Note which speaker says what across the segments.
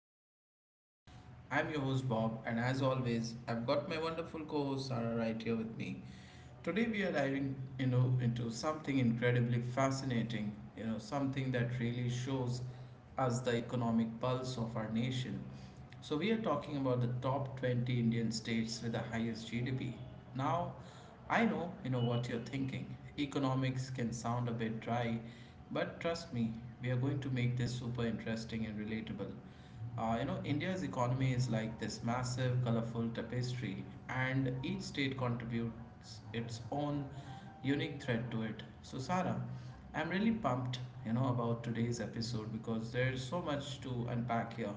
Speaker 1: of our podcast. I'm your host Bob, and as always, I've got my wonderful co host Sarah right here with me. Today we are diving, you know, into something incredibly fascinating, you know, something that really shows us the economic pulse of our nation. So we are talking about the top 20 Indian states with the highest GDP. Now, I know, you know what you're thinking. Economics can sound a bit dry, but trust me, we are going to make this super interesting and relatable. You know, India's economy is like this massive, colorful tapestry, and each state contributes its own unique thread to it. So, Sarah, I'm really pumped, you know, about today's episode because there's so much to unpack here.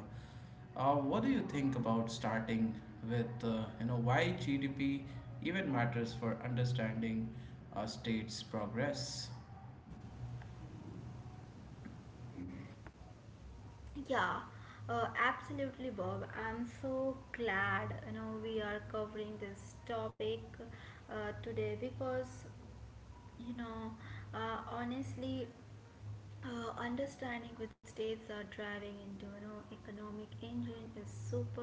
Speaker 1: What do you think about starting with, you know, why GDP even matters for understanding a state's progress?
Speaker 2: Yeah, absolutely, Bob. I'm so glad we are covering this topic today because you know honestly, understanding which states are driving into economic engine is super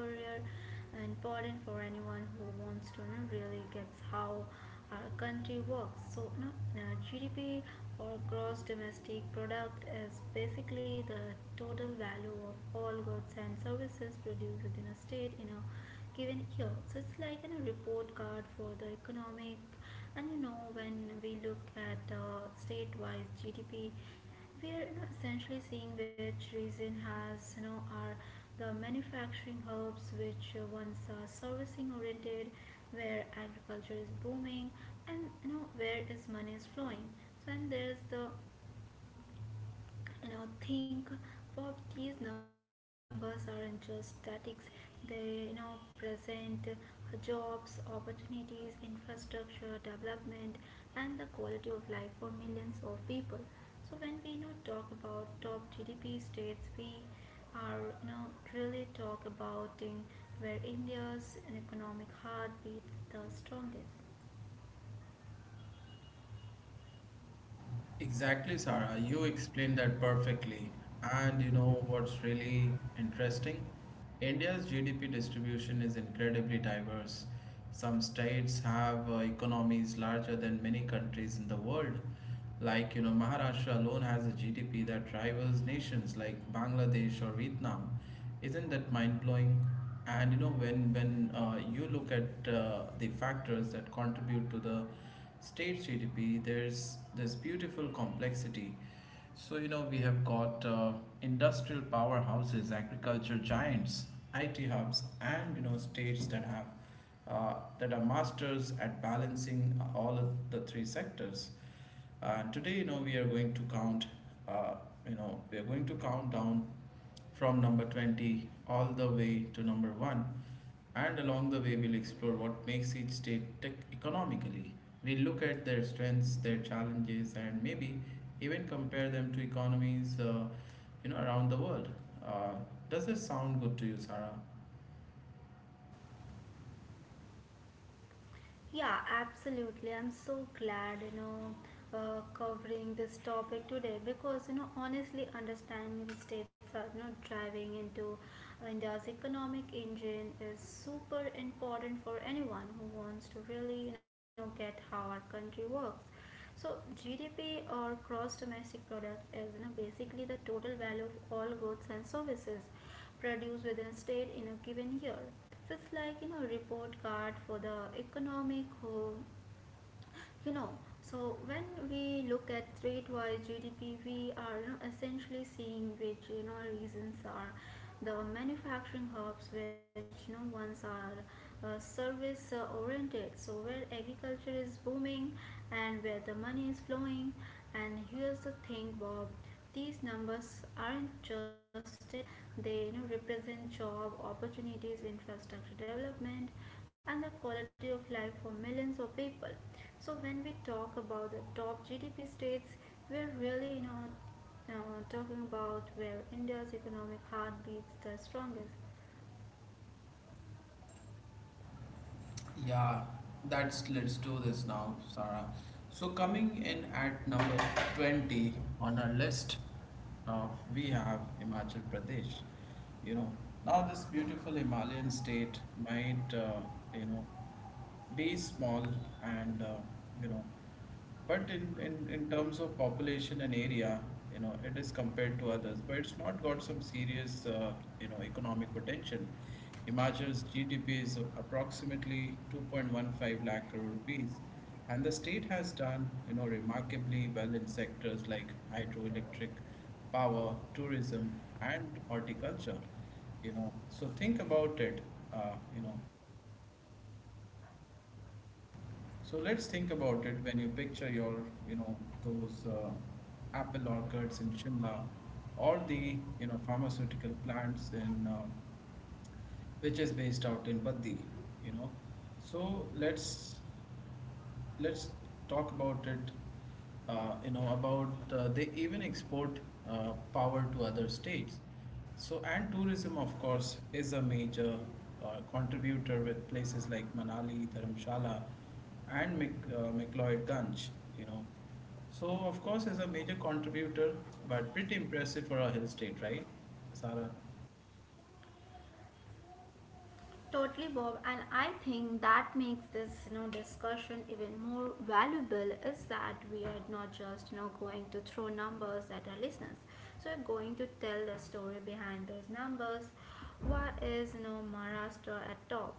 Speaker 2: important for anyone who wants to really gets how our country works. So GDP or gross domestic product is basically the total value of all goods and services produced within a state in a given year. So it's like a report card for the economic. And when we look at state-wise GDP, we are essentially seeing which region has are the manufacturing hubs, which once are servicing oriented, where agriculture is booming, and where is money is flowing. So and there's the think about, these numbers aren't just statics, they present jobs opportunities infrastructure development and the quality of life for millions of people. So when we talk about top gdp states, we are really talk about in where india's economic heartbeat beats the strongest.
Speaker 1: Exactly, Sarah. You explained that perfectly. And you know what's really interesting? India's GDP distribution is incredibly diverse. Some states have economies larger than many countries in the world. Like, you know, Maharashtra alone has a GDP that rivals nations like Bangladesh or Vietnam. Isn't that mind blowing? And you know, when you look at the factors that contribute to the state's GDP, there's this beautiful complexity. So you know, we have got industrial powerhouses, agriculture giants, IT hubs, and you know, states that have that are masters at balancing all of the three sectors. And today, you know, uh, we are going to count down from number 20 all the way to number 1. And along the way, we'll explore what makes each state tick economically. We'll look at their strengths, their challenges, and maybe even compare them to economies, you know, around the world. Uh, does this sound good to you, Sarah?
Speaker 2: Yeah, absolutely. I'm so glad, covering this topic today because, honestly, understanding the states are not driving into India's economic engine is super important for anyone who wants to really, get how our country works. So GDP or gross domestic product is, basically the total value of all goods and services produced within a state in a given year. So it's like report card for the economic home. you know so when we look at rate wise gdp, we are, essentially seeing which reasons are the manufacturing hubs, which ones are service oriented, so where agriculture is booming and where the money is flowing. And here's the thing, Bob, these numbers aren't just statics, they represent job opportunities infrastructure development and the quality of life for millions of people. So when we talk about the top GDP states, we're really not talking about where India's economic heartbeats the strongest.
Speaker 1: Yeah, that's let's do this now, Sarah. So coming in at number 20 on our list, uh, we have Himachal Pradesh. You know, now this beautiful Himalayan state might, you know, day is small and you know, but in terms of population and area, you know, it is compared to others, but it's not got some serious you know, economic potential. Himachal's GDP is approximately 2.15 lakh crore rupees, and the state has done, you know, remarkably well in sectors like hydroelectric power, tourism, and horticulture. You know, so think about it. uh, you know So let's think about it. When you picture your, you know, those apple orchards in Shimla or the, you know, pharmaceutical plants in which is based out in Baddi, you know. So let's talk about it. You know, about they even export power to other states. So and tourism, of course, is a major contributor with places like Manali, Dharamshala, and McLeodganj. You know, so of course is a major contributor, but pretty impressive for a hill state, right, Sara?
Speaker 2: Totally, Bob, and I think that makes this discussion even more valuable is that we are not just going to throw numbers at our listeners. So we're going to tell the story behind those numbers. Why is Maharashtra at top?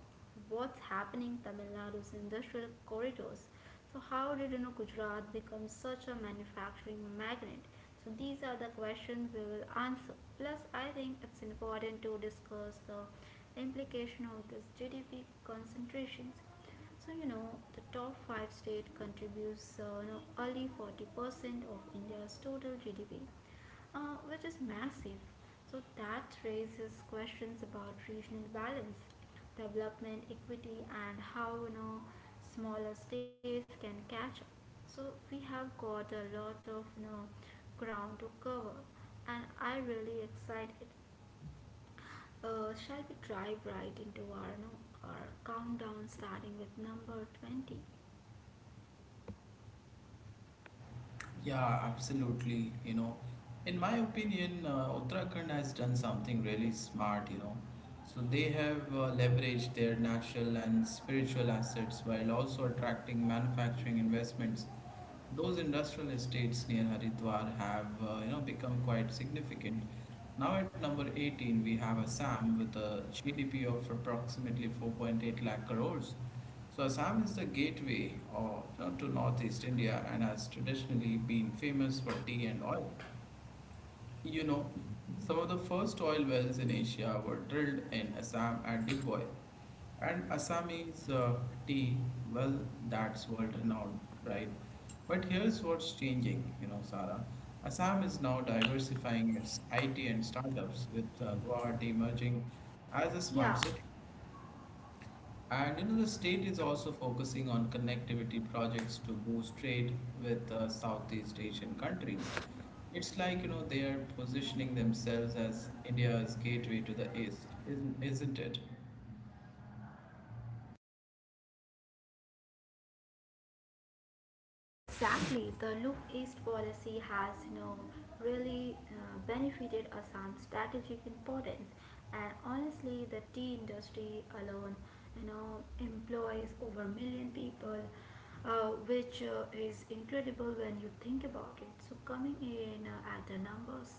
Speaker 2: What's happening Tamil Nadu's industrial corridors? So how did Gujarat become such a manufacturing magnet? So these are the questions we will answer. Plus, I think it's important to discuss the implication of this GDP concentrations. So the top five state contributes only 40% of India's total GDP, which is massive. So that raises questions about regional balance, development equity, and how smaller states can catch up. So we have got a lot of ground to cover, and I really excited. Shall we drive right into our, our countdown starting with number 20?
Speaker 1: Yeah, absolutely. You know, in my opinion, Uttarakhand has done something really smart, you know. So they have leveraged their natural and spiritual assets while also attracting manufacturing investments. Those industrial estates near Haridwar have, you know, become quite significant. Now at number 18, we have Assam with a GDP of approximately 4.8 lakh crores. So Assam is the gateway of, to northeast India and has traditionally been famous for tea and oil. You know, some of the first oil wells in Asia were drilled in Assam at Digboy, and Assamese tea, well, that's world renowned, right? But here's what's changing, you know, Sarah. Assam is now diversifying its IT and startups, with Guwahati emerging as a
Speaker 2: Yeah,
Speaker 1: smart city. And you know, the state is also focusing on connectivity projects to boost trade with Southeast Asian countries. It's like, you know, they are positioning themselves as India's gateway to the East, isn't it?
Speaker 2: exactly. The look east policy has really benefited Assam's strategic importance, and honestly, the tea industry alone, employs over a million people, which is incredible when you think about it. So coming in at the numbers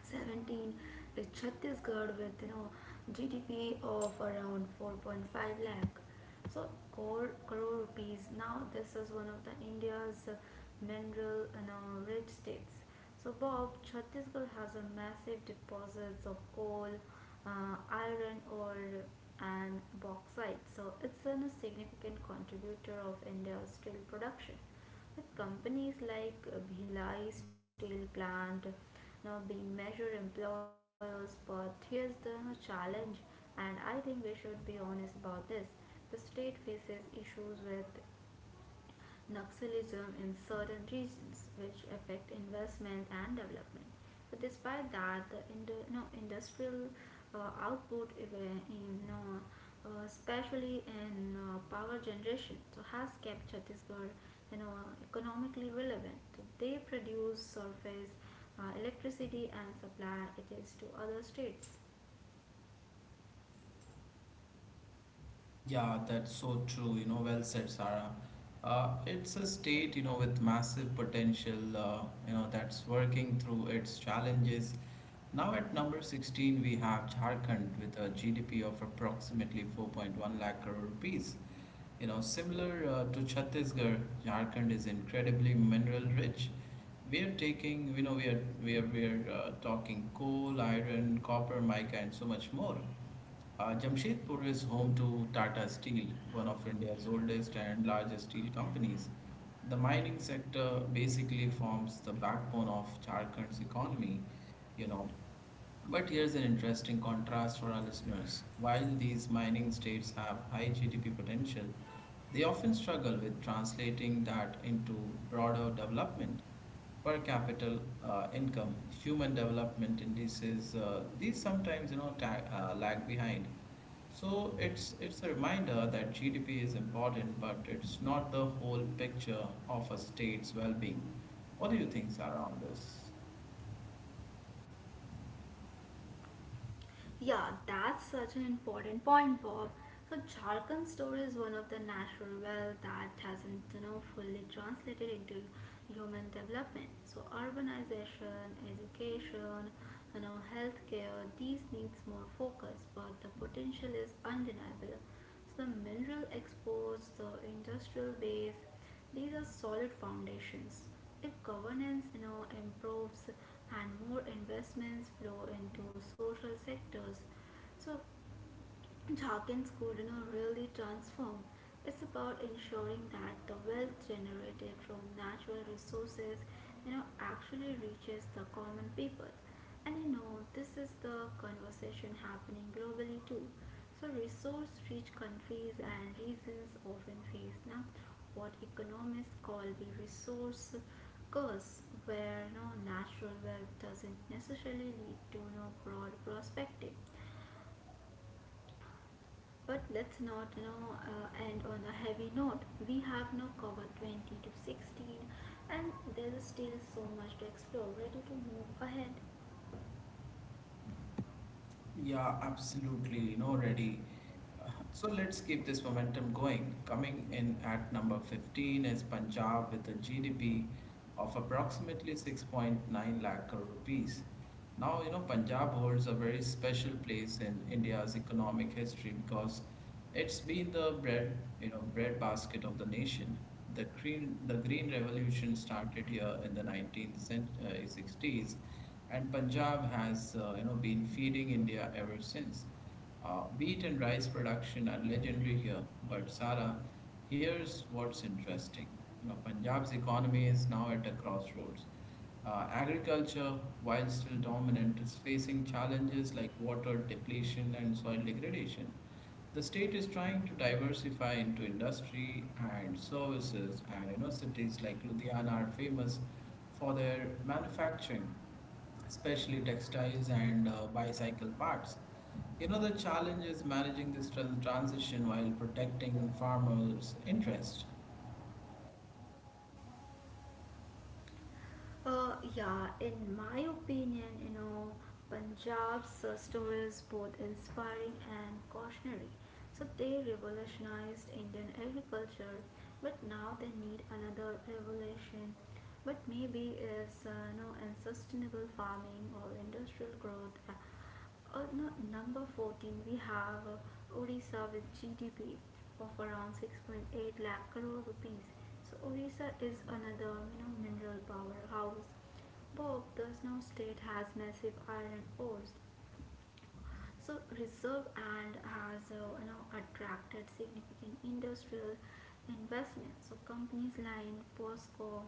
Speaker 2: 17 is Chhattisgarh with GDP of around 4.5 lakh so crore rupees. Now this is one of the india's mineral and rich states. So Bob, chhattisgarh has a massive deposits of coal, uh, iron ore and bauxite. So it's a significant contributor of india's steel production with companies like Bhilai Steel Plant now being major employers. But here's the challenge, and I think we should be honest about this. The state faces issues with Naxalism in certain regions, which affect investment and development. But despite that, the industrial output, if, in, no, especially in power generation, so has kept Chhattisgarh you know, economically relevant. So they produce surface electricity and supply it is to other states.
Speaker 1: Yeah, that's so true. You know, well said, Sarah. It's a state, you know, with massive potential, you know, that's working through its challenges. Now, at number 16, we have Jharkhand with a GDP of approximately 4.1 lakh crore rupees. You know, similar to Chhattisgarh, Jharkhand is incredibly mineral rich. We are taking, you know, we are we are we are talking coal, iron, copper, mica, and so much more. Jamshedpur is home to Tata Steel, one of India's oldest and largest steel companies. The mining sector basically forms the backbone of Jharkhand's economy, you know. But here's an interesting contrast for our listeners. While these mining states have high GDP potential, they often struggle with translating that into broader development, per capita income, human development indices, these sometimes, you know, lag behind. So it's a reminder that GDP is important, but it's not the whole picture of a state's well-being. What do you think, Sarah, on this?
Speaker 2: Yeah, that's such an important point, Bob. So Jharkhand story is one of the natural wealth that hasn't, fully translated into human development. So urbanization, education, healthcare, these needs more focus, but the potential is undeniable. So the mineral exports, the industrial base, these are solid foundations. If governance improves and more investments flow into social sectors, so Dawkins could really transform. It's about ensuring that the wealth generated from natural resources, actually reaches the common people. And this is the conversation happening globally too. So resource-rich countries and regions often face now what economists call the resource curse, where natural wealth doesn't necessarily lead to no broad perspective. But let's not end on a heavy note. We have now covered 20 to 16, and there's still so much to explore. Ready to move ahead?
Speaker 1: Yeah, absolutely. You know, ready. So let's keep this momentum going. Coming in at number 15 is Punjab with a GDP of approximately 6.9 lakh crore rupees. Now, you know, Punjab holds a very special place in India's economic history because it's been the bread basket of the nation. The green revolution started here in the 19th century, 60s, and Punjab has, you know, been feeding India ever since. Wheat and rice production are legendary here, but Sara, here's what's interesting. You know, Punjab's economy is now at a crossroads. Agriculture, while still dominant, is facing challenges like water depletion and soil degradation. The state is trying to diversify into industry and services, and you know, cities like Ludhiana are famous for their manufacturing, especially textiles and bicycle parts. You know, the challenge is managing this transition while protecting farmers interest.
Speaker 2: Yeah, in my opinion, Punjab's story is both inspiring and cautionary. So they revolutionized Indian agriculture, but now they need another revolution. But maybe is no unsustainable farming or industrial growth. No, Number 14, we have Odisha with GDP of around 6.8 lakh crore rupees. So Orissa is another mineral powerhouse. Bob, the snow state, has massive iron ores, so reserve and has attracted significant industrial investment. So companies like POSCO,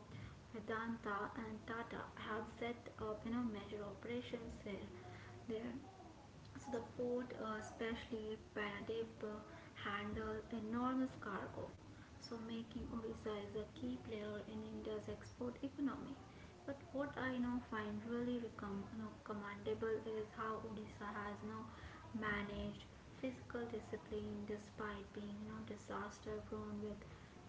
Speaker 2: Vedanta, and Tata have set up major operations there. There, so the port, especially Paradip, handle enormous cargo. So, making Odisha is a key player in India's export economy. But what I now find really commendable is how Odisha has now managed fiscal discipline despite being disaster prone with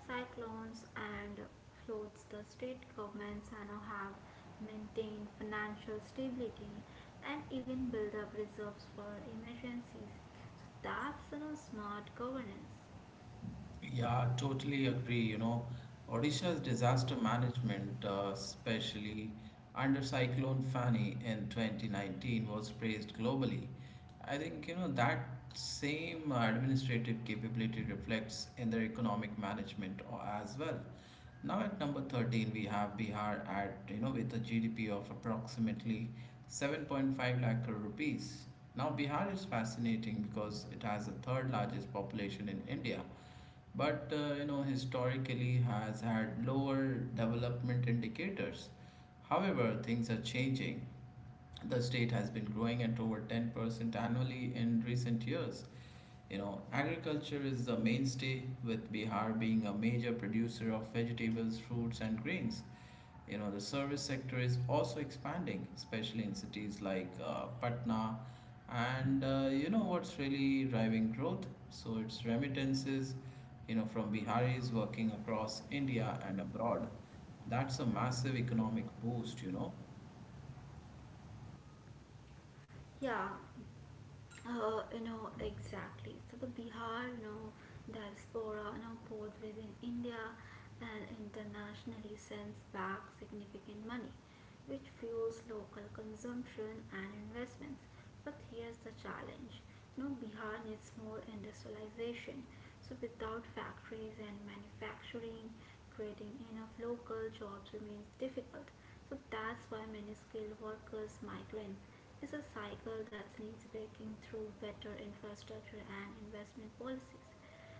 Speaker 2: cyclones and floods. The state governments now have maintained financial stability and even build up reserves for emergencies. So that's smart governance.
Speaker 1: Yeah, totally agree. You know, Odisha's disaster management, especially under Cyclone Fani in 2019, was praised globally. I think, you know, that same administrative capability reflects in their economic management as well. Now at number 13, we have Bihar at, you know, with a GDP of approximately 7.5 lakh crore rupees. Now Bihar is fascinating because it has the third largest population in India, but you know, historically has had lower development indicators. However, things are changing. The state has been growing at over 10% annually in recent years. You know, agriculture is the mainstay, with Bihar being a major producer of vegetables, fruits, and grains. You know, the service sector is also expanding, especially in cities like Patna. And you know what's really driving growth? So it's remittances, you know, from Biharis working across India and abroad. That's a massive economic boost, you know.
Speaker 2: Yeah. Exactly. So the Bihar, diaspora, both within India and internationally sends back significant money, which fuels local consumption and investments. But here's the challenge: no Bihar needs more industrialization. So without factories and manufacturing, creating enough local jobs remains difficult. So that's why many skilled workers, migrants, is a cycle that needs breaking through better infrastructure and investment policies.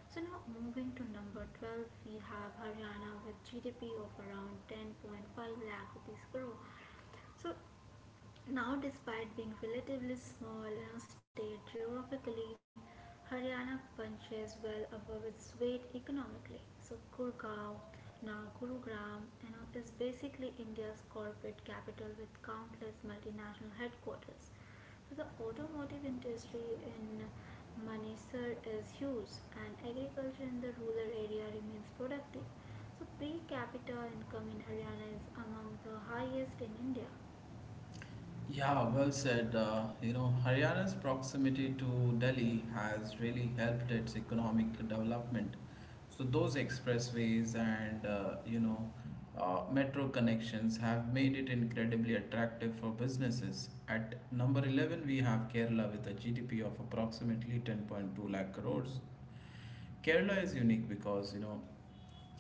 Speaker 2: So now moving to number 12, we have Haryana with GDP of around 10.5 lakh rupees crore. So now, despite being relatively small in state geographically, Haryana punches well above its weight economically. So, Gurgaon, now Gurugram, is basically India's corporate capital with countless multinational headquarters. So, the automotive industry in Manesar is huge, and agriculture in the rural area remains productive. So, per capita income in Haryana is among the highest in India.
Speaker 1: Yeah, well said. You know, Haryana's proximity to Delhi has really helped its economic development. So those expressways and you know, metro connections have made it incredibly attractive for businesses. At number 11, we have Kerala with a GDP of approximately 10.2 lakh crores. Kerala is unique because, you know,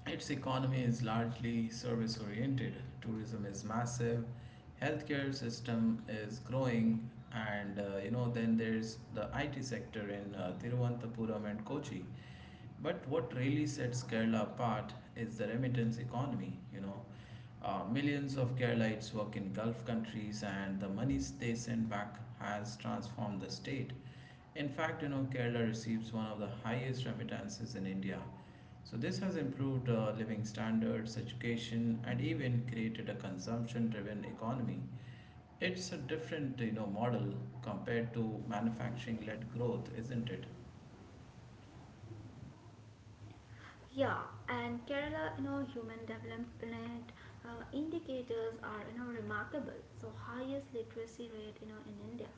Speaker 1: its economy is largely service oriented, tourism is massive, healthcare system is growing, and you know, then there's the IT sector in Thiruvananthapuram and Kochi. But what really sets Kerala apart is the remittance economy, you know. Millions of Keralites work in Gulf countries, and the money they send back has transformed the state. In fact, you know, Kerala receives one of the highest remittances in India. So this has improved living standards, education, and even created a consumption-driven economy. It's a different, you know, model compared to manufacturing-led growth, isn't it?
Speaker 2: Yeah, and Kerala, human development indicators are, remarkable. So highest literacy rate, in India.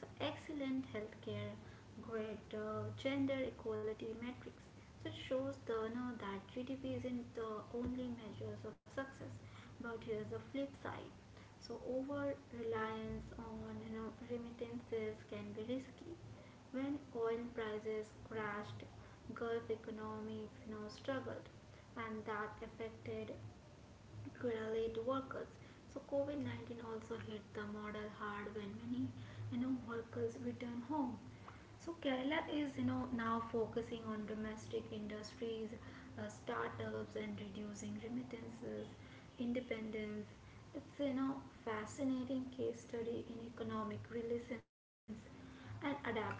Speaker 2: So excellent healthcare, great gender equality metrics. So it shows the, that GDP isn't the only measures of success, but here's the flip side. So over reliance on, remittances can be risky. When oil prices crashed, Gulf economies struggled, and that affected Queralate workers. So COVID-19 also hit the model hard when many workers return home. So Kerala is now focusing on domestic industries, startups, and reducing remittances, independence. It's fascinating case study in economic relations and adaptation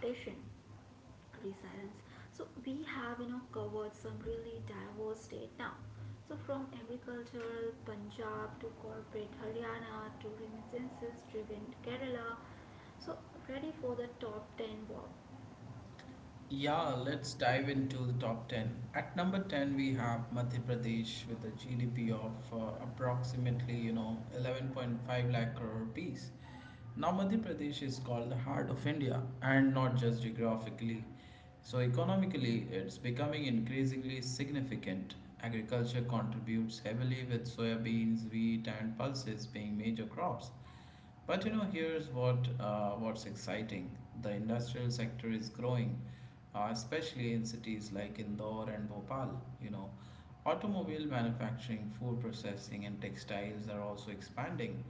Speaker 2: resilience. So we have covered some really diverse state now. So from agricultural punjab to corporate haryana to remittances driven kerala, so ready for the top 10, Bob?
Speaker 1: Yeah, let's dive into the top 10. At number 10, we have Madhya Pradesh with a GDP of approximately, you know, 11.5 lakh crore rupees. Now, Madhya Pradesh is called the heart of India, and not just geographically. So, economically, it's becoming increasingly significant. Agriculture contributes heavily, with soya beans, wheat, and pulses being major crops. But you know, here's what what's exciting. The industrial sector is growing, especially in cities like Indore and Bhopal. You know, automobile manufacturing, food processing, and textiles are also expanding.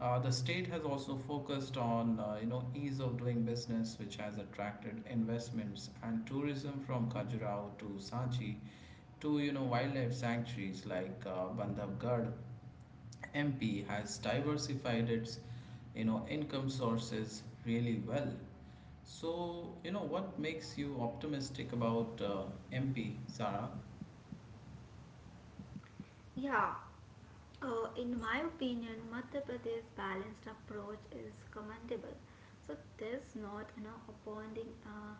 Speaker 1: The state has also focused on you know, ease of doing business, which has attracted investments, and tourism from Khajuraho to Sanchi to, you know, wildlife sanctuaries like Bandhavgarh. MP has diversified its, you know, income sources really well. So, you know, what makes you optimistic about MP, Sarah?
Speaker 2: Yeah, in my opinion, Madhya Pradesh's balanced approach is commendable. So this not upholding uh,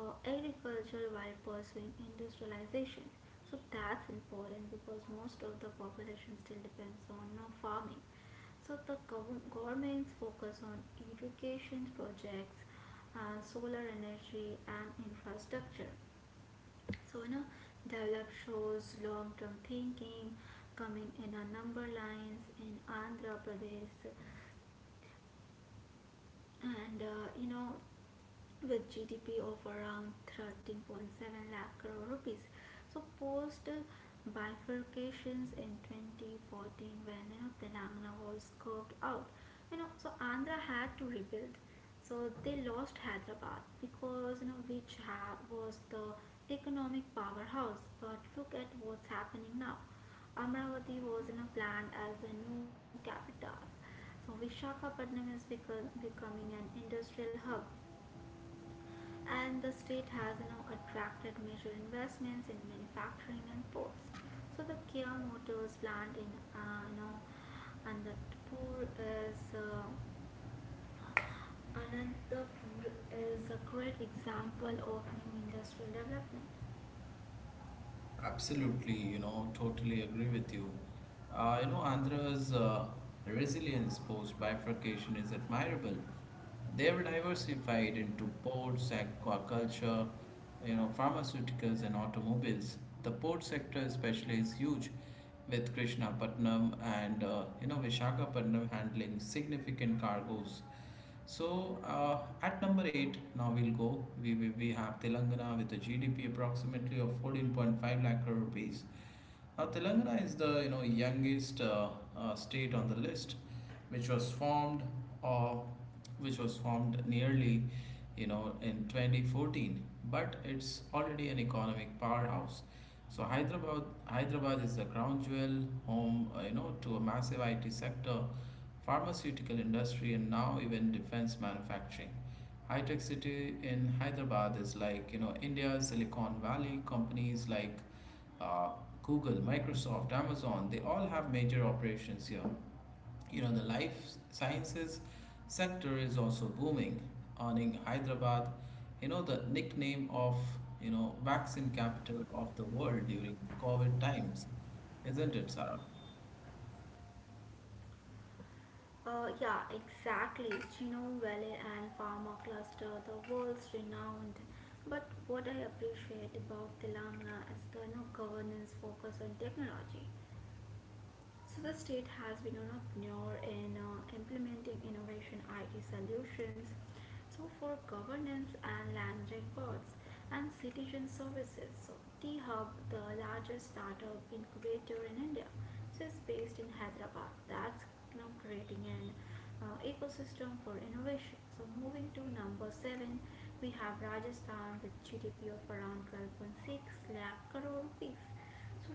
Speaker 2: uh, agriculture while pursuing industrialization. So that's important because most of the population still depends on farming. So the government's focus on education projects, solar energy, and infrastructure. So, develop shows long term thinking, coming in a number lines in Andhra Pradesh and with GDP of around 13.7 lakh crore rupees. So post bifurcations in 2014 when Telangana was carved out, so Andhra had to rebuild. So they lost Hyderabad because which was the economic powerhouse. But look at what's happening now. Amravati was planned as the new capital. So Vishakhapatnam is becoming an industrial hub, and the state has attracted major investments in manufacturing and ports. So the Kia Motors plant in uh, you know, Anantapur is uh, Anantapur is a great example of new industrial development.
Speaker 1: Absolutely, you know, totally agree with you. You know, Andhra's resilience post bifurcation is admirable. They were diversified into ports, aquaculture, you know, pharmaceuticals, and automobiles. The port sector, especially, is huge, with Krishnapatnam and you know, Visakhapatnam handling significant cargoes. So at number eight, now we'll go. We have Telangana with a GDP approximately of 14.5 lakh crore rupees. Now Telangana is the youngest state on the list which was formed or which was formed nearly in 2014, but it's already an economic powerhouse. So Hyderabad is a crown jewel, home to a massive IT sector, pharmaceutical industry, and now even defense manufacturing. High tech city in Hyderabad is like India's Silicon Valley. Companies like uh, Google, Microsoft, Amazon, they all have major operations here. The life sciences sector is also booming, earning Hyderabad, the nickname of, vaccine capital of the world during COVID times, isn't it, Sarah?
Speaker 2: Yeah, exactly. Genome Valley and Pharma Cluster, the world's renowned. But what I appreciate about Telangana is the governance focus on technology. So the state has been an pioneer in implementing innovation IT solutions for governance and land records and citizen services. So T Hub, the largest startup incubator in India, it's based in Hyderabad. That's creating an ecosystem for innovation. So moving to number seven, we have Rajasthan with GDP of around 12.6 lakh crore rupees.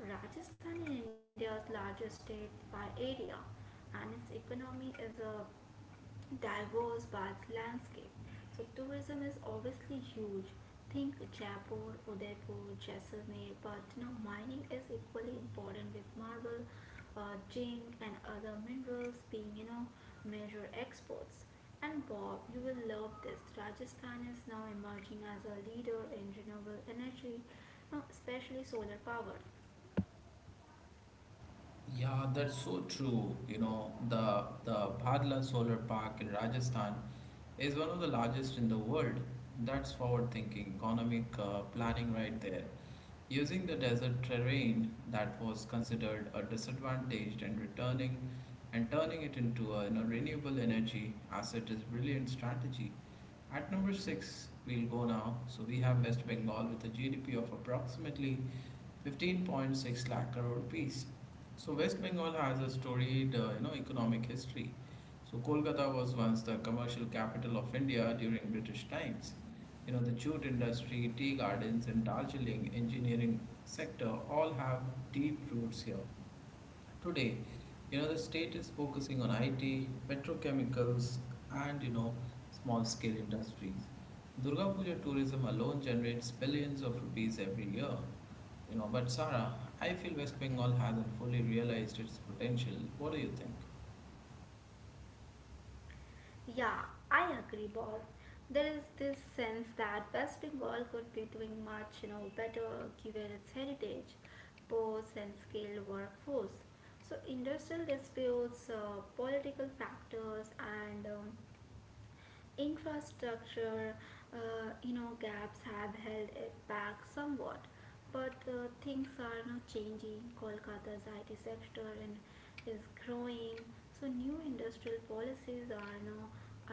Speaker 2: So Rajasthan is India's largest state by area, and its economy is a diverse vast landscape. So tourism is obviously huge. Think Jaipur, Udaipur, Jaisalmer, but mining is equally important with marble, zinc, and other minerals being major exports. And Bob, you will love this. Rajasthan is now emerging as a leader in renewable energy, you know, especially solar power.
Speaker 1: Yeah, that's so true. The Bhadla Solar Park in Rajasthan is one of the largest in the world. That's forward-thinking economic planning right there. Using the desert terrain that was considered a disadvantaged and returning and turning it into a, renewable energy asset is brilliant strategy. At number six, we'll go now. So we have West Bengal with a GDP of approximately 15.6 lakh crore rupees. So West Bengal has a storied, economic history. So Kolkata was once the commercial capital of India during British times. The jute industry, tea gardens, and Darjeeling engineering sector all have deep roots here. Today, the state is focusing on IT, petrochemicals, and small scale industries. Durga Puja tourism alone generates billions of rupees every year. But Sarah, I feel West Bengal hasn't fully realized its potential. What do you think?
Speaker 2: Yeah, I agree, Bob. There is this sense that West Bengal could be doing much, better given its heritage, ports and skilled workforce. So industrial disputes, political factors, and infrastructure gaps have held it back somewhat, but things are now changing. Kolkata's IT sector and is growing. So new industrial policies are now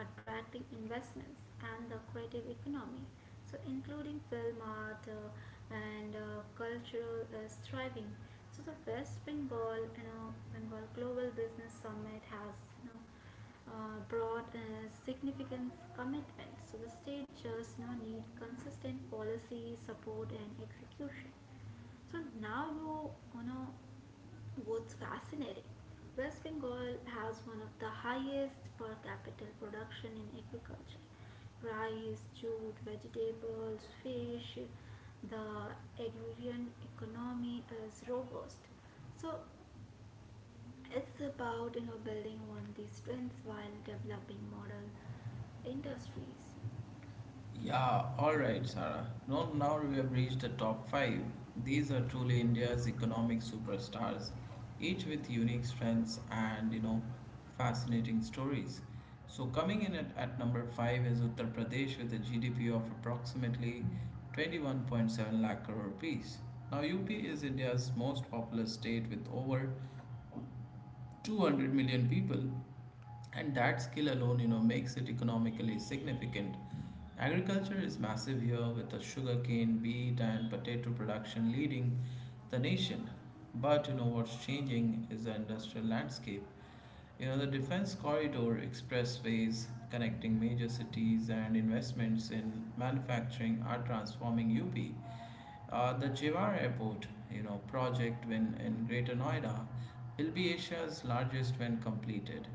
Speaker 2: attracting investments and the creative economy, including film, art, and cultural is thriving. So the west bengal you know Bengal Global Business Summit has you know brought a significant commitments. So the state just now need consistent policy support and execution. So now you know what's fascinating. West Bengal has one of the highest per capita production in agriculture. Rice, jute, vegetables, fish, the agrarian economy is robust. So it's about building on these strengths while developing model industries.
Speaker 1: Yeah, alright, Sarah. No, now we have reached the top five. These are truly India's economic superstars, each with unique strengths and fascinating stories. So coming in at number five is Uttar Pradesh with a GDP of approximately 21.7 lakh crore rupees. Now UP is India's most populous state with over 200 million people, and that skill alone makes it economically significant. Agriculture is massive here, with the sugarcane, beet, and potato production leading the nation. But what's changing is the industrial landscape. The defense corridor, expressways connecting major cities, and investments in manufacturing are transforming UP. The Jewar Airport, project when in Greater Noida will be Asia's largest when completed.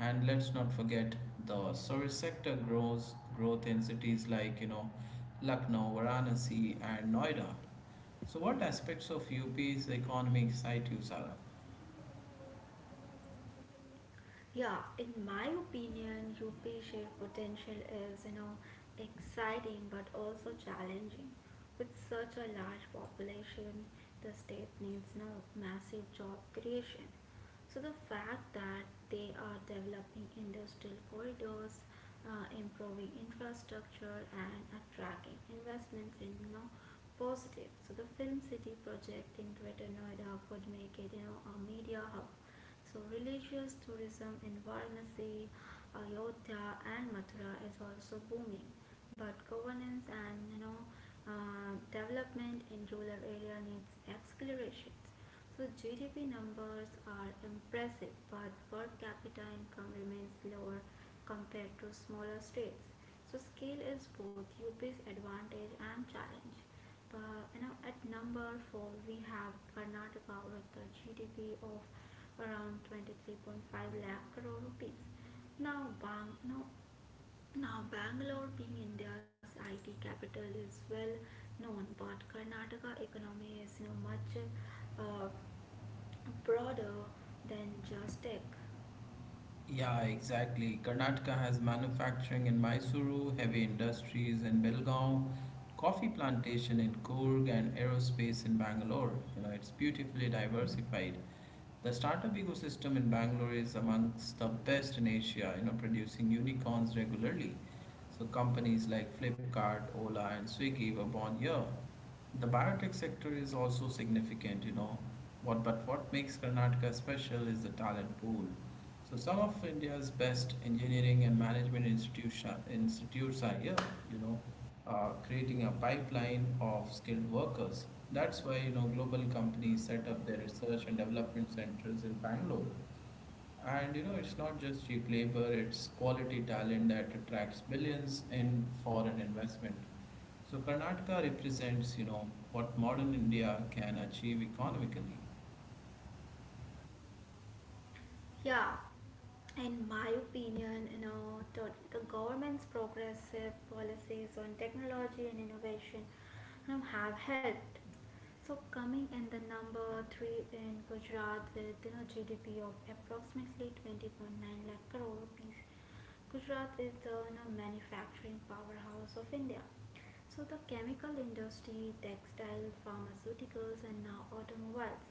Speaker 1: And let's not forget the service sector grows growth in cities like, Lucknow, Varanasi, and Noida. So what aspects of UP's economy excite you, Sarah?
Speaker 2: Yeah, in my opinion, UP Share potential is, exciting but also challenging. With such a large population, the state needs no massive job creation. So the fact that they are developing industrial corridors, improving infrastructure, and attracting investments in positive. So the Film City project in Greater Noida could make it a media hub. So religious tourism in Varanasi, Ayodhya and Mathura is also booming, but governance and development in rural area needs acceleration. So GDP numbers are impressive, but per capita income remains lower compared to smaller states. So scale is both UP's advantage and challenge. At number four we have Karnataka with a GDP of around 23.5 lakh crore rupees. Now, Bang, no, now Bangalore, being India's IT capital, is well known, but Karnataka economy is much uh, broader than just tech.
Speaker 1: Yeah, exactly. Karnataka has manufacturing in Mysuru, heavy industries in Belgaum, coffee plantation in Coorg, and aerospace in Bangalore. You know, it's beautifully diversified. The startup ecosystem in Bangalore is amongst the best in Asia, producing unicorns regularly. So companies like Flipkart, Ola, and Swiggy were born here. The biotech sector is also significant, you know. What but what makes Karnataka special is the talent pool. So some of India's best engineering and management institution institutes are here, you know, creating a pipeline of skilled workers. That's why global companies set up their research and development centers in Bangalore. And it's not just cheap labor; it's quality talent that attracts billions in foreign investment. So Karnataka represents, what modern India can achieve economically.
Speaker 2: Yeah, in my opinion, the government's progressive policies on technology and innovation have helped. So coming in the number three in Gujarat with GDP of approximately 20.9 lakh crore rupees, Gujarat is the manufacturing powerhouse of India. So the chemical industry, textile, pharmaceuticals, and now automobiles.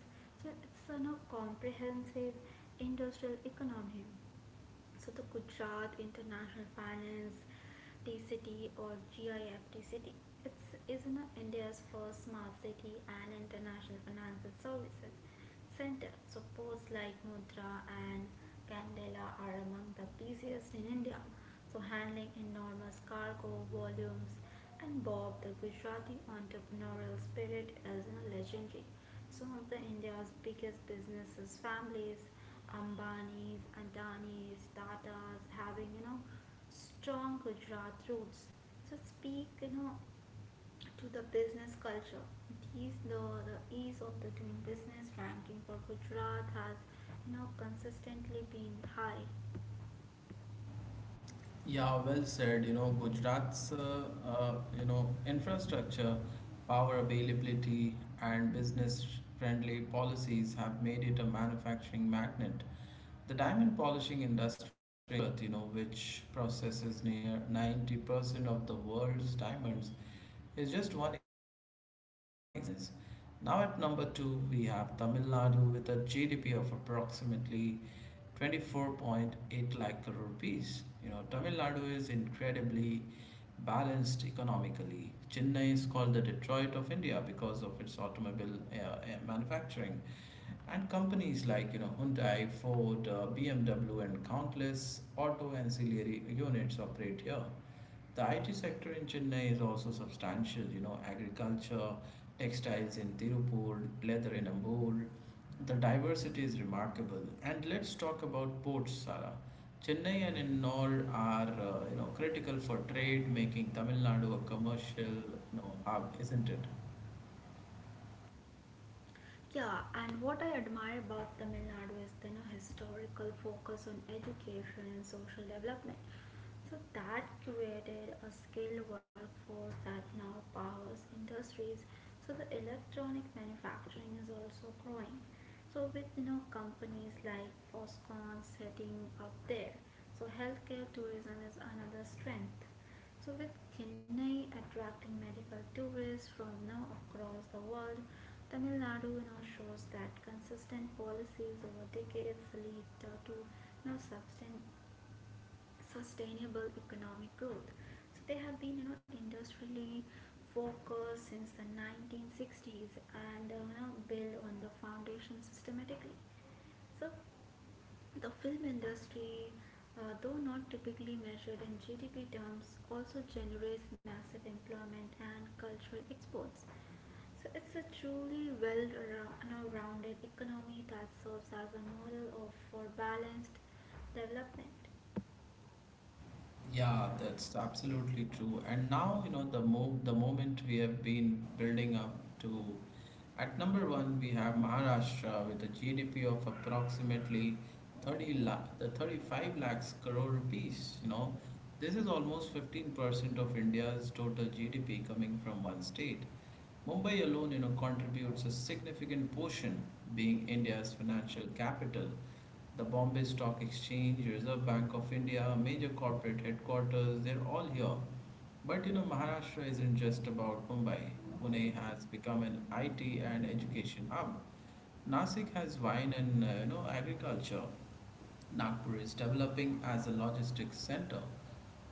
Speaker 2: So it's a comprehensive industrial economy. So the Gujarat International Finance TCT or GIFTCT. It's is in India's first smart city and international financial services center. So poses like mudra and candela are among the busiest in India. So handling enormous cargo volumes and Bob the Gujarati entrepreneurial spirit is legendary. Some of the India's biggest businesses families, Ambanis, Adanis, Tatas having strong Gujarat roots. So speak to the business culture. These the the ease of the doing business ranking for Gujarat has consistently been high.
Speaker 1: Yeah, well said. Gujarat's, infrastructure, power availability, and business-friendly policies have made it a manufacturing magnet. The diamond polishing industry, in Gujarat, which processes near 90% of the world's diamonds, is just one. Now at number two, we have Tamil Nadu with a GDP of approximately 24.8 lakh crore rupees. You know, Tamil Nadu is incredibly balanced economically. Chennai is called the Detroit of India because of its automobile manufacturing. And companies like Hyundai, Ford, BMW, and countless auto ancillary units operate here. The IT sector in Chennai is also substantial, you know. Agriculture, textiles in Tirupur, leather in Ambul. The diversity is remarkable. And let's talk about ports, Sara. Chennai and Ennore are, critical for trade, making Tamil Nadu a commercial, hub, isn't it?
Speaker 2: Yeah, and what I admire about Tamil Nadu is the historical focus on education and social development. So that created a skilled workforce that now powers industries. So the electronic manufacturing is also growing, with companies like Foxconn setting up there. So healthcare tourism is another strength. So with Chennai attracting medical tourists from now across the world, Tamil Nadu now shows that consistent policies over decades lead to now sustainable economic growth. So they have been industrially focused since the 1960s and now build on the foundation systematically. So the film industry, though not typically measured in GDP terms, also generates massive employment and cultural exports. So it's a truly well rounded economy that serves as a model of, for balanced development.
Speaker 1: Yeah, that's absolutely true. And now, you know, the moment we have been building up to, at number one, we have Maharashtra with a GDP of approximately 30 lakh, the 35 lakhs crore rupees, you know. This is almost 15% of India's total GDP coming from one state. Mumbai alone, contributes a significant portion, being India's financial capital. The Bombay Stock Exchange, Reserve Bank of India, major corporate headquarters, they're all here. But you know, Maharashtra isn't just about Mumbai. Pune has become an IT and education hub. Nasik has wine and agriculture. Nagpur is developing as a logistics center.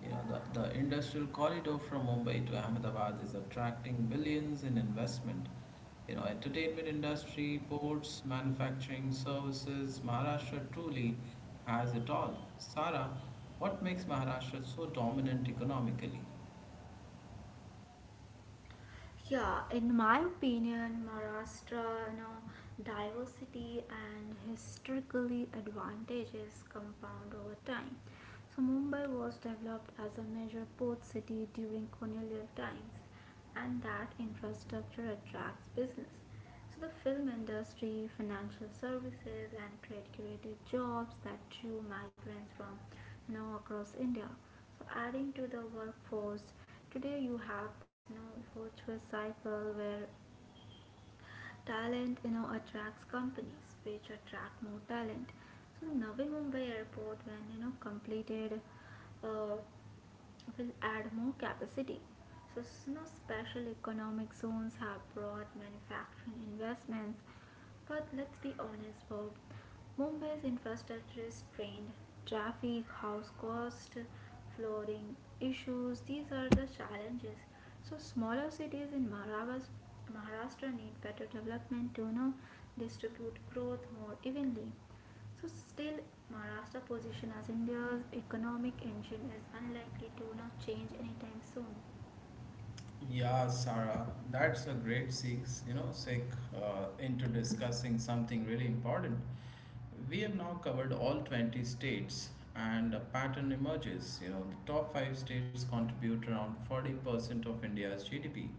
Speaker 1: The industrial corridor from Mumbai to Ahmedabad is attracting billions in investment. You know, entertainment industry, ports, manufacturing, services, Maharashtra truly has it all. Sara, what makes Maharashtra so dominant economically?
Speaker 2: Yeah, in my opinion, Maharashtra, diversity and historically advantages compound over time. So Mumbai was developed as a major port city during colonial times, and that infrastructure attracts business. So the film industry, financial services, and trade created jobs that drew migrants from across India. So adding to the workforce, today you have this virtuous cycle where talent attracts companies which attract more talent. So Navi Mumbai airport when completed uh, will add more capacity. So you know, special economic zones have brought manufacturing investments. But let's be honest, Bob. Mumbai's infrastructure is strained. Traffic, house cost, flooring issues, these are the challenges. So smaller cities in Maharashtra need better development to distribute growth more evenly. So still, Maharashtra position as India's economic engine is unlikely to not change anytime soon.
Speaker 1: Yeah, Sarah, that's a great six, you know, sec into discussing something really important. We have now covered all 20 states and a pattern emerges. You know, the top five states contribute around 40% of India's GDP.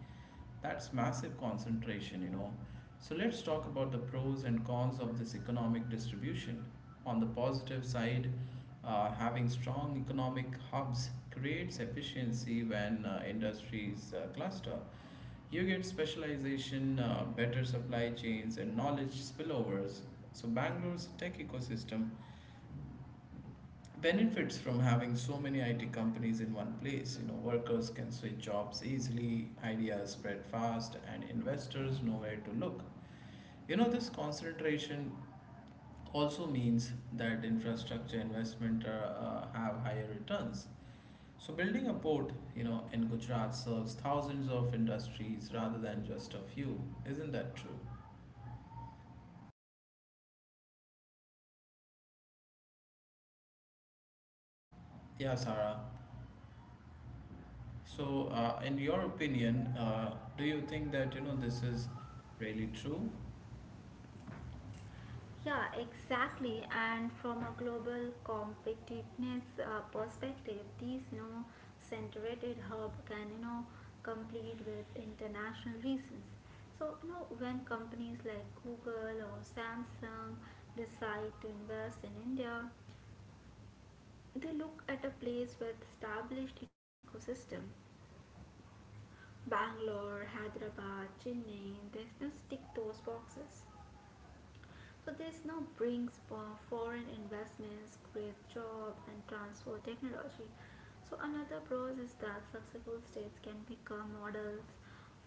Speaker 1: That's massive concentration, you know. So let's talk about the pros and cons of this economic distribution. On the positive side, having strong economic hubs creates efficiency when industries cluster. You get specialization, better supply chains, and knowledge spillovers. So, Bangalore's tech ecosystem benefits from having so many IT companies in one place. You know, workers can switch jobs easily, ideas spread fast, and investors know where to look. You know, this concentration also means that infrastructure investment have higher returns. So building a port, you know, in Gujarat serves thousands of industries rather than just a few. Isn't that true? Yeah, Sarah. So, in your opinion, do you think that you know this is really true?
Speaker 2: Yeah, exactly. And from a global competitiveness perspective, these centrated hub can compete with international reasons. So you know when companies like Google or Samsung decide to invest in India, they look at a place with established ecosystem. Bangalore, Hyderabad, Chennai, there's no stick to those boxes. So this now brings for foreign investments, great job and transfer technology. So another pros is that successful states can become models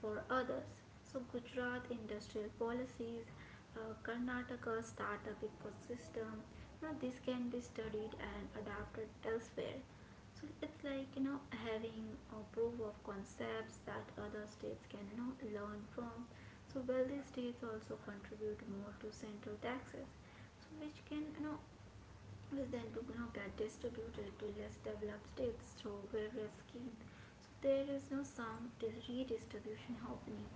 Speaker 2: for others. So Gujarat industrial policies, Karnataka startup ecosystem, now this can be studied and adapted elsewhere. So it's like having a proof of concepts that other states can learn from. So wealthy states also contribute more to central taxes, so which can which then to get distributed to less developed states through various schemes. So there is no sound redistribution happening.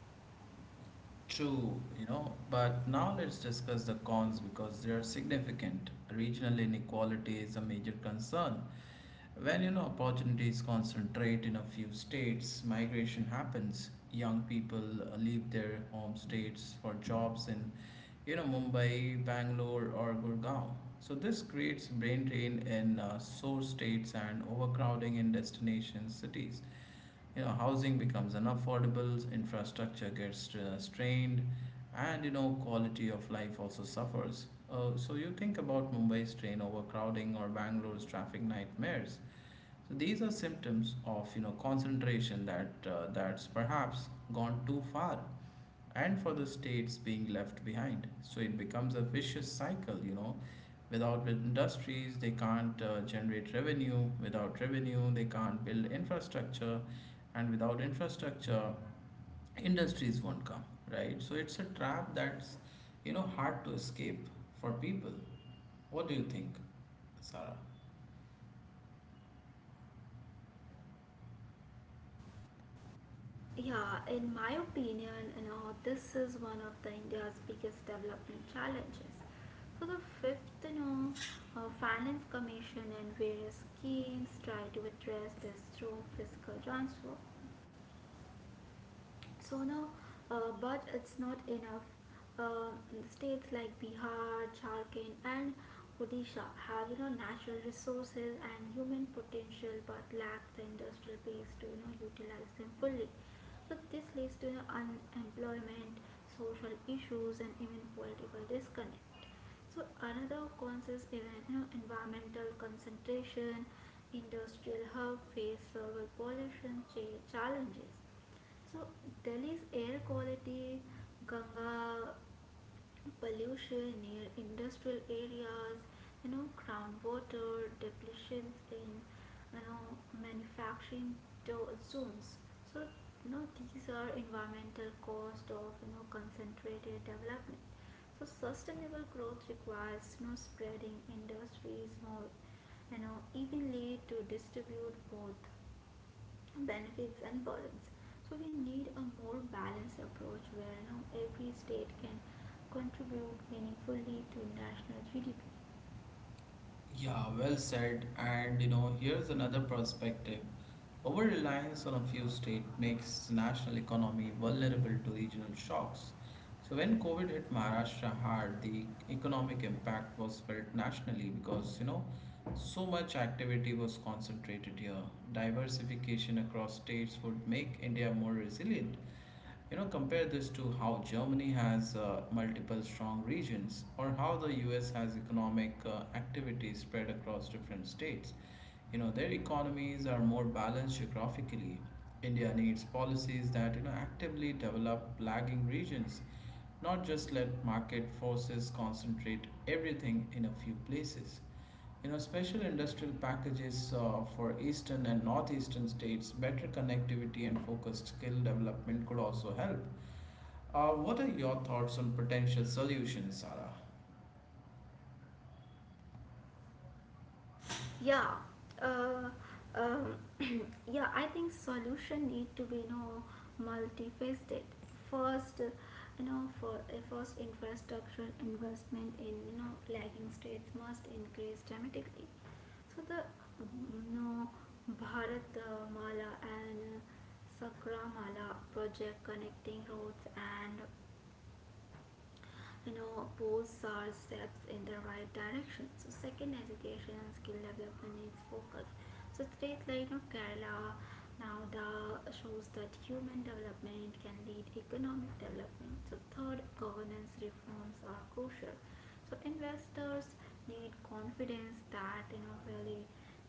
Speaker 1: True, you know, but now let's discuss the cons because they are significant. Regional inequality is a major concern. When you know opportunities concentrate in a few states, migration happens. Young people leave their home states for jobs in, Mumbai, Bangalore, or Gurgaon. So this creates brain drain in source states and overcrowding in destination cities. Housing becomes unaffordable, infrastructure gets strained, and quality of life also suffers. So you think about Mumbai's train overcrowding or Bangalore's traffic nightmares. So these are symptoms of concentration that that's perhaps gone too far. And for the states being left behind, so it becomes a vicious cycle, you know. Without industries, they can't generate revenue. Without revenue, they can't build infrastructure. And without infrastructure, industries won't come, right? So it's a trap that's, hard to escape for people. What do you think, Sarah?
Speaker 2: Yeah, in my opinion, you know, this is one of the India's biggest development challenges. So the fifth, Finance Commission and various schemes try to address this through fiscal transfer. So now, but it's not enough. Um, States like Bihar, Jharkhand, and Odisha have natural resources and human potential, but lack the industrial base to utilize them fully. So this leads to unemployment, social issues, and even political disconnect. So another cause is even environmental concentration, industrial hub face soil pollution challenges. So Delhi's air quality, Ganga pollution near industrial areas, you know, groundwater depletions in you know, manufacturing zones. So you know these are environmental cost of concentrated development. So sustainable growth requires spreading industries more you know, evenly to distribute both benefits and burdens. So we need a more balanced approach where every state can contribute meaningfully to national GDP.
Speaker 1: Yeah, well said. And you know, here's another perspective. Over reliance on a few states makes national economy vulnerable to regional shocks. So when COVID hit Maharashtra hard, the economic impact was felt nationally because so much activity was concentrated here. Diversification across states would make India more resilient, you know. Compare this to how Germany has multiple strong regions or how the US has economic activities spread across different states. You know, their economies are more balanced geographically. India needs policies that, actively develop lagging regions, not just let market forces concentrate everything in a few places. You know, special industrial packages for eastern and northeastern states, better connectivity, and focused skill development could also help. What are your thoughts on potential solutions, Sarah?
Speaker 2: yeah uh, um, yeah, I think solution need to be multifaceted. First, you know for first infrastructural investment in lagging states must increase dramatically. So the mm, you know Bharat Mala and Sakramala project connecting roads, and you know both are steps in the right direction. So second, education and skill development needs focus. So state like Kerala now the shows that human development can lead economic development. So third, governance reforms are crucial. So investors need confidence that really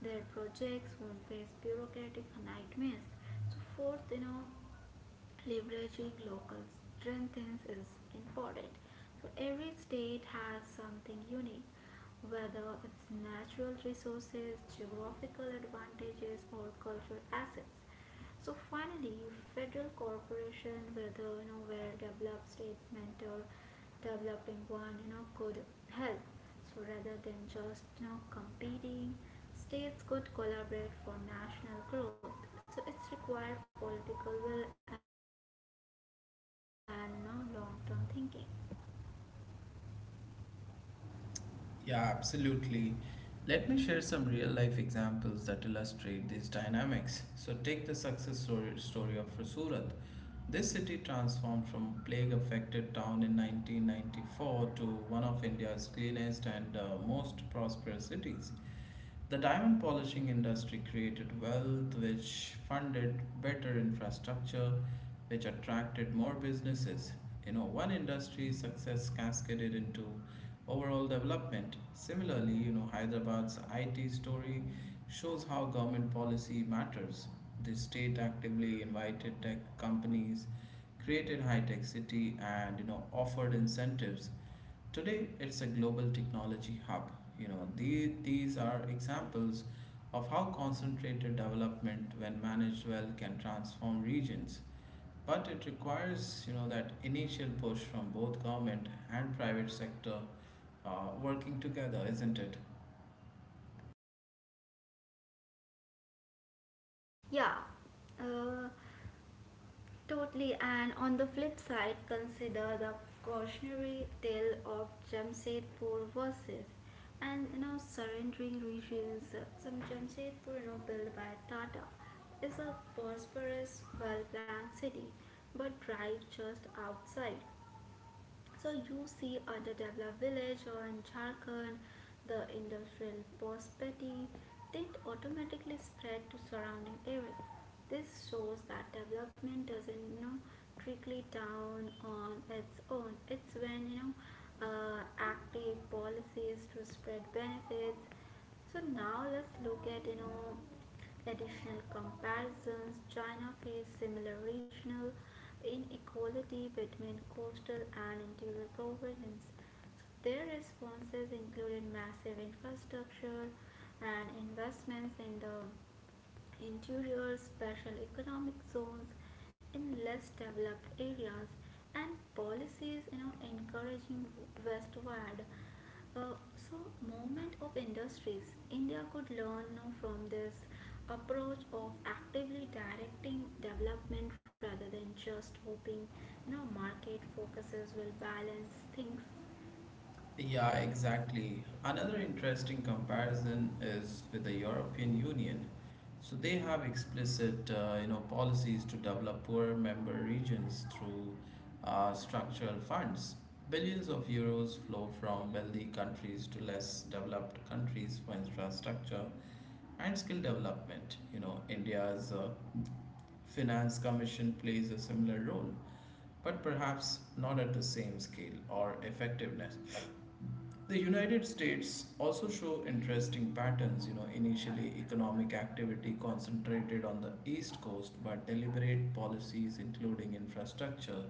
Speaker 2: their projects won't face bureaucratic nightmares. So fourth, leveraging local strengths is important. So every state has something unique, whether it's natural resources, geographical advantages, or cultural assets. So finally, federal corporation, whether where developed states mentor developing one you know, could help. So rather than just competing, states could collaborate for national growth. So it's required political will and you know, long-term thinking.
Speaker 1: Yeah, absolutely. Let me share some real life examples that illustrate these dynamics. So, take the story of Surat. This city transformed from plague affected town in 1994 to one of India's cleanest and most prosperous cities. The diamond polishing industry created wealth which funded better infrastructure, which attracted more businesses. You know, one industry's success cascaded into overall development. Similarly, you know, Hyderabad's IT story shows how government policy matters. The state actively invited tech companies, created high-tech city, and offered incentives. Today, it's a global technology hub. These these are examples of how concentrated development, when managed well, can transform regions. But it requires that initial push from both government and private sector working together, isn't it?
Speaker 2: Yeah. Uh, Totally, and on the flip side, consider the cautionary tale of Jamshedpur versus and surrendering regions. Some Jamshedpur, built by Tata, is a prosperous, well-planned city, but right just outside you see underdeveloped village or in Jharkhand, the industrial prosperity that automatically spread to surrounding area. This shows that development doesn't trickle down on its own. It's when active policies to spread benefits. So now let's look at additional comparisons. China faced similar regional inequality between coastal and interior provinces. So their responses included massive infrastructure and investments in the interior, special economic zones in less developed areas, and policies encouraging westward uh, so movement of industries. India could learn from this approach of actively directing development rather than just hoping market focuses will balance things.
Speaker 1: Yeah, exactly. Another interesting comparison is with the European Union. So they have explicit, policies to develop poorer member regions through structural funds. Billions of euros flow from wealthy countries to less developed countries for infrastructure and skill development. You know, India's finance commission plays a similar role, but perhaps not at the same scale or effectiveness. The United States also show interesting patterns. Initially, economic activity concentrated on the East Coast, but deliberate policies including infrastructure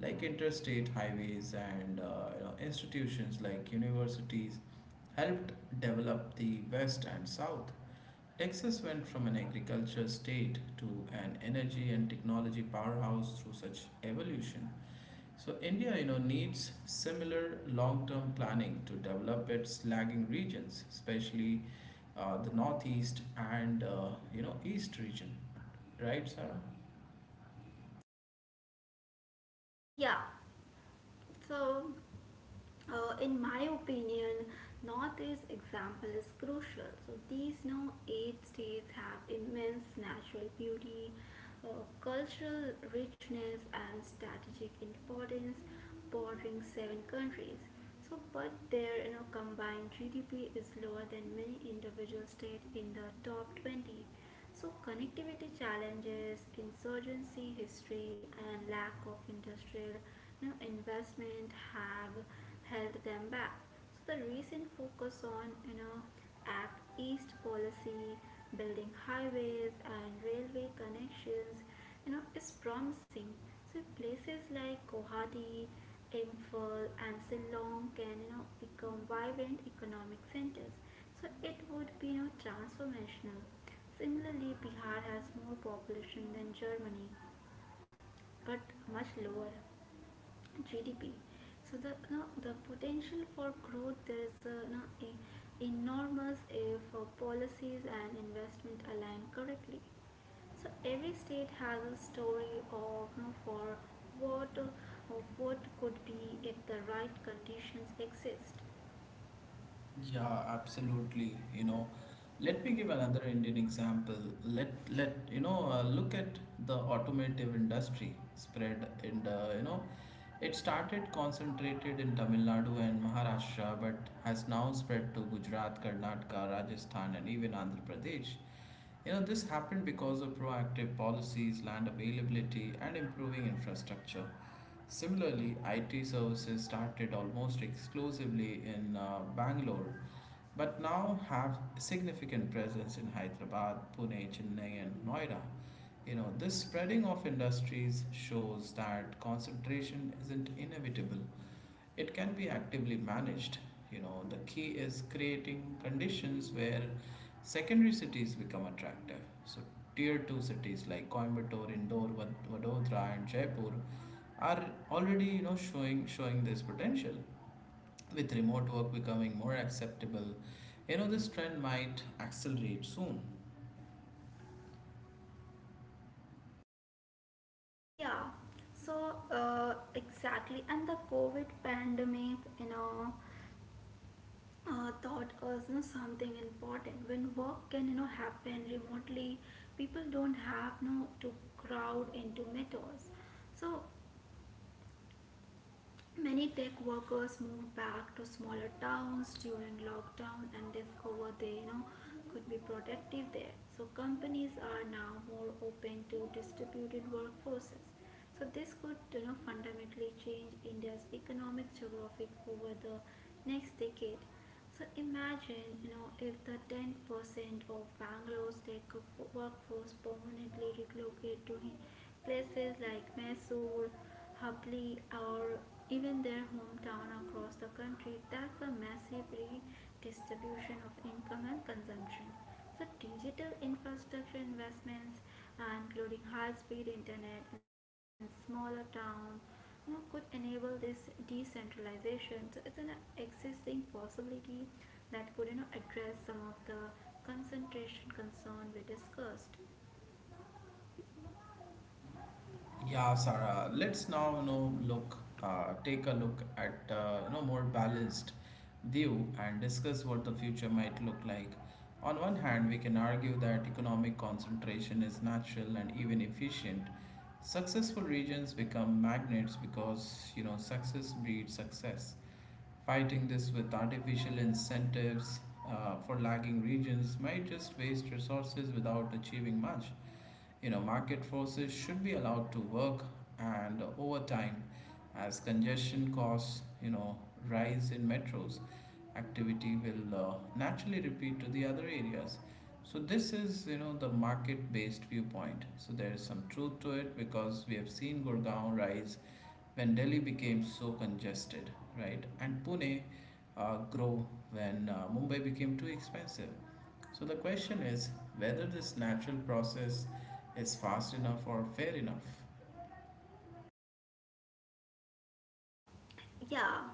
Speaker 1: like interstate highways and institutions like universities helped develop the West and South. Texas went from an agriculture state to an energy and technology powerhouse through such evolution. So India, needs similar long-term planning to develop its lagging regions, especially the northeast and east region, right, Sarah?
Speaker 2: yeah So, in my opinion, Northeast example is crucial. So these now 8 states have immense natural beauty, cultural richness, and strategic importance, bordering 7 countries. So but their combined GDP is lower than many individual states in the top 20. So, connectivity challenges, insurgency history, and lack of industrial investment have held them back. So, the recent focus on Act East policy, building highways and railway connections, is promising. So, places like Guwahati, Imphal, and Shillong can become vibrant economic centers. So, it would be transformational. Similarly, Bihar has more population than Germany, but much lower GDP. So the no, the potential for growth there is a enormous if policies and investment align correctly. So every state has a story of you know, for what of what could be if the right conditions exist.
Speaker 1: Yeah, absolutely. Let me give another Indian example. Let let you know, look at the automotive industry spread in the, it started concentrated in Tamil Nadu and Maharashtra, but has now spread to Gujarat, Karnataka, Rajasthan, and even Andhra Pradesh. This happened because of proactive policies, land availability, and improving infrastructure. Similarly, IT services started almost exclusively in Bangalore, but now have significant presence in Hyderabad, Pune, Chennai, and Noida. This spreading of industries shows that concentration isn't inevitable. It can be actively managed. The key is creating conditions where secondary cities become attractive. So tier 2 cities like Coimbatore, Indore, Vadodara, and Jaipur are already showing this potential. With remote work becoming more acceptable, this trend might accelerate soon.
Speaker 2: Yeah. So exactly, and the COVID pandemic, taught us something important. When work can happen remotely, people don't have to crowd into metros. So many tech workers moved back to smaller towns during lockdown and discovered they could be productive there. So companies are now more open to distributed workforces. So this could fundamentally change India's economic geographic over the next decade. So imagine if the 10% of Bangalore's tech workforce permanently relocate to places like Mysore, Hubli, or even their hometown across the country. That's a massive redistribution of income and consumption. So digital infrastructure investments including high-speed internet in smaller towns could enable this decentralization. So it's an existing possibility that could address some of the concentration concern we discussed.
Speaker 1: Yeah, Sarah. Let's now, you know, look, take a look at, you know, more balanced view and discuss what the future might look like. On one hand, we can argue that economic concentration is natural and even efficient. Successful regions become magnets because, success breeds success. Fighting this with artificial incentives for lagging regions might just waste resources without achieving much. Market forces should be allowed to work, and over time, as congestion costs, rise in metros, activity will naturally repeat to the other areas. So this is, the market-based viewpoint. So there is some truth to it because we have seen Gurgaon rise when Delhi became so congested, right? And Pune grow when Mumbai became too expensive. So the question is whether this natural process is fast enough or fair enough.
Speaker 2: Yeah.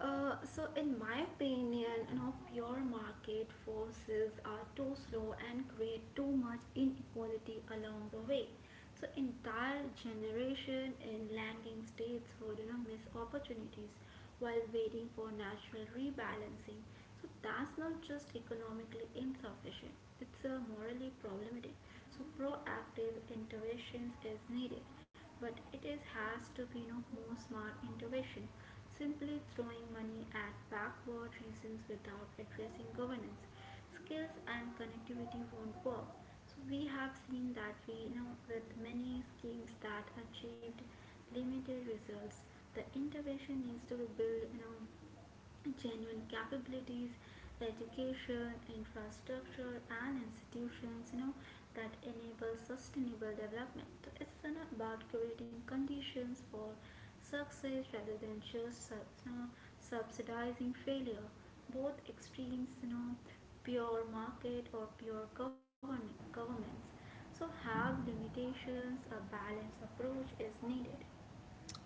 Speaker 2: So, in my opinion, pure market forces are too slow and create too much inequality along the way. So, entire generation in lagging states would miss opportunities while waiting for natural rebalancing. So, that's not just economically insufficient; it's morally problematic. So proactive interventions is needed, but it is has to be no more smart intervention. Simply throwing money at backward reasons without addressing governance skills and connectivity won't work. So we have seen that we know with many schemes that achieved limited results, the intervention needs to build genuine capabilities, education, infrastructure, and institutions, that enable sustainable development. So it's you about creating conditions for success rather than just you know, subsidizing failure. Both extremes, pure market or pure governments, so have limitations. A balanced approach is needed.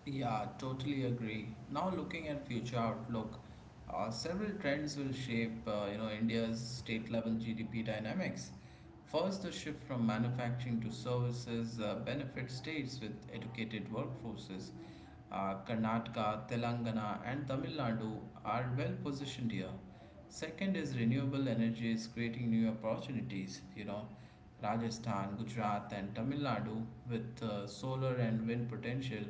Speaker 1: Yeah, totally agree. Now looking at future outlook, several trends will shape India's state level GDP dynamics. First, the shift from manufacturing to services benefits states with educated workforces. Karnataka, Telangana, and Tamil Nadu are well positioned here. Second is renewable energy is creating new opportunities. Rajasthan, Gujarat, and Tamil Nadu with solar and wind potential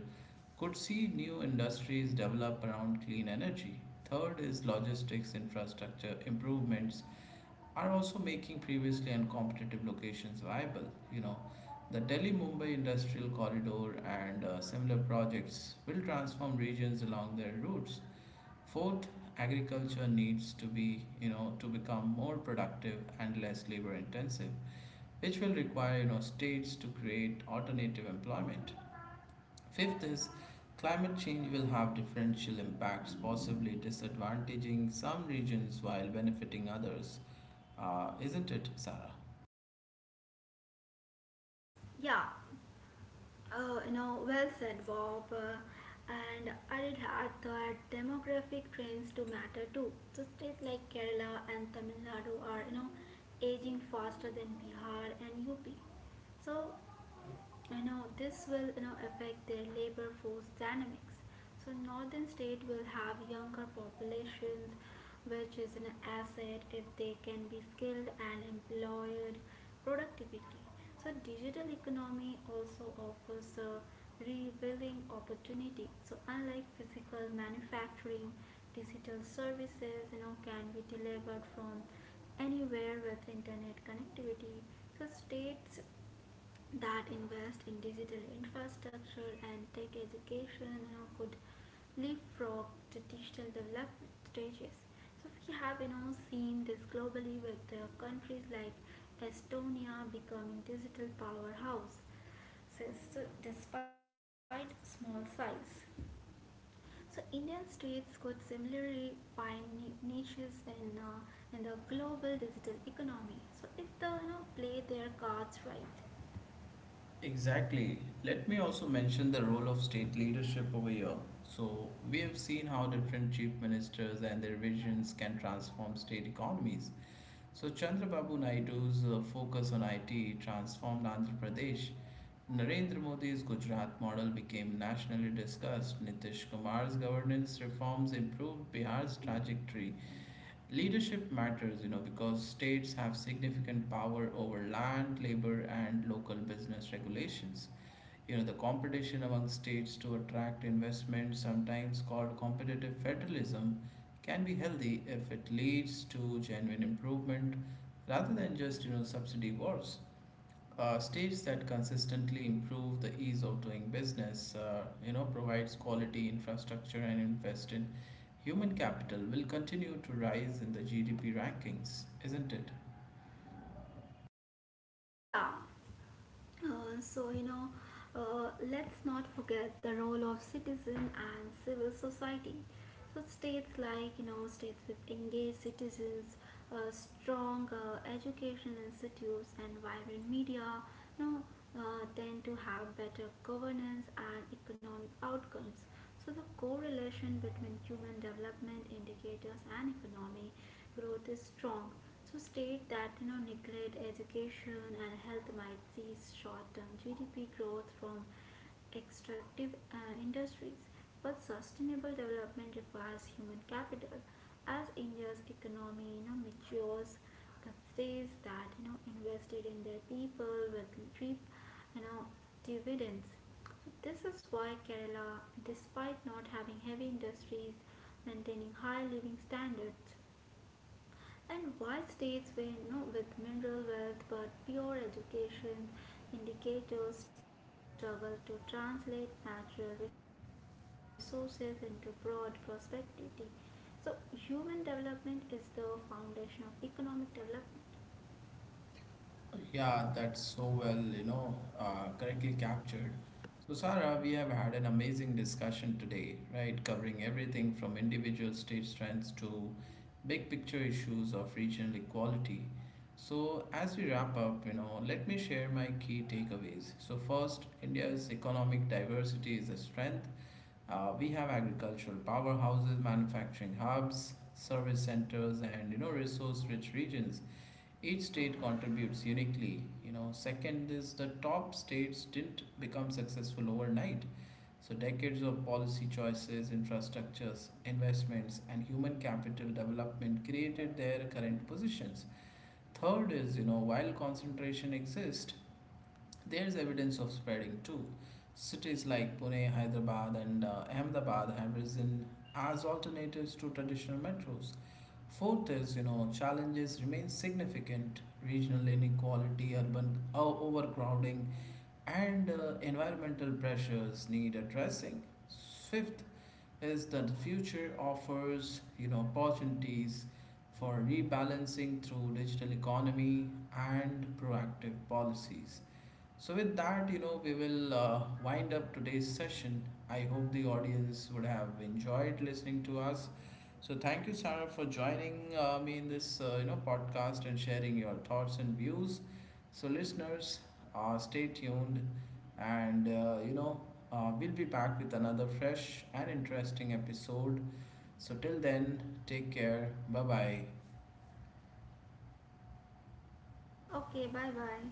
Speaker 1: could see new industries develop around clean energy. Third is logistics infrastructure improvements are also making previously uncompetitive locations viable. You know, the Delhi Mumbai industrial corridor and similar projects will transform regions along their routes. Fourth, agriculture needs to be, to become more productive and less labor intensive, which will require, states to create alternative employment. Fifth is climate change will have differential impacts, possibly disadvantaging some regions while benefiting others. Isn't it, Sarah?
Speaker 2: Yeah. You know well said, Bob. And I'd add that demographic trends do matter too. So states like Kerala and Tamil Nadu are aging faster than Bihar and UP. So this will affect their labor force dynamics. So northern state will have younger populations, which is an asset if they can be skilled and employed productivity. So digital economy also offers a rebuilding opportunity. So unlike physical manufacturing, digital services can be delivered from anywhere with internet connectivity. So states that invest in digital infrastructure and tech education could leapfrog to digital development stages. So we have seen this globally with countries like Estonia becoming digital powerhouse says so despite small size. So Indian states could similarly find niches in the global digital economy. So if they play their cards right.
Speaker 1: Exactly. Let me also mention the role of state leadership over here. So we have seen how different chief ministers and their visions can transform state economies. So Chandrababu Naidu's focus on IT transformed Andhra Pradesh. Narendra Modi's Gujarat model became nationally discussed. Nitish Kumar's governance reforms improved Bihar's trajectory. Leadership matters, because states have significant power over land, labor, and local business regulations. The competition among states to attract investment, sometimes called competitive federalism, can be healthy if it leads to genuine improvement rather than just, subsidy wars. States that consistently improve the ease of doing business, provides quality infrastructure and invest in human capital will continue to rise in the GDP rankings, isn't it?
Speaker 2: Yeah. Uh, so you know let's not forget the role of citizen and civil society. So states like states with engaged citizens, strong education institutes and vibrant media, you know, tend to have better governance and economic outcomes. So, the correlation between human development indicators and economic growth is strong. So, state that neglect education and health might cease short-term GDP growth from extractive industries, but sustainable development requires human capital. As India's economy matures, the states that invested in their people will reap you know dividends. This is why Kerala, despite not having heavy industries, maintaining high living standards, and why states with, mineral wealth but pure education indicators struggle to translate natural resources into broad prospectivity. So, human development is the foundation of economic development.
Speaker 1: Yeah, that's so well, correctly captured. So, Sarah, we have had an amazing discussion today, right? Covering everything from individual state strengths to big picture issues of regional equality. So, as we wrap up, let me share my key takeaways. So, first, India's economic diversity is a strength. We have agricultural powerhouses, manufacturing hubs, service centers, and resource-rich regions. Each state contributes uniquely. Second is the top states didn't become successful overnight. So decades of policy choices, infrastructures, investments, and human capital development created their current positions. Third is, while concentration exists, there's evidence of spreading too. Cities like Pune, Hyderabad, and Ahmedabad have risen as alternatives to traditional metros. Fourth is, challenges remain. Significant regional inequality, urban overcrowding, and environmental pressures need addressing. Fifth is that the future offers, opportunities for rebalancing through digital economy and proactive policies. So, with that, we will wind up today's session. I hope the audience would have enjoyed listening to us. So thank you, Sarah, for joining me in this podcast and sharing your thoughts and views. So listeners, stay tuned, and we'll be back with another fresh and interesting episode. So till then, take care. Bye bye.
Speaker 2: Okay, bye bye.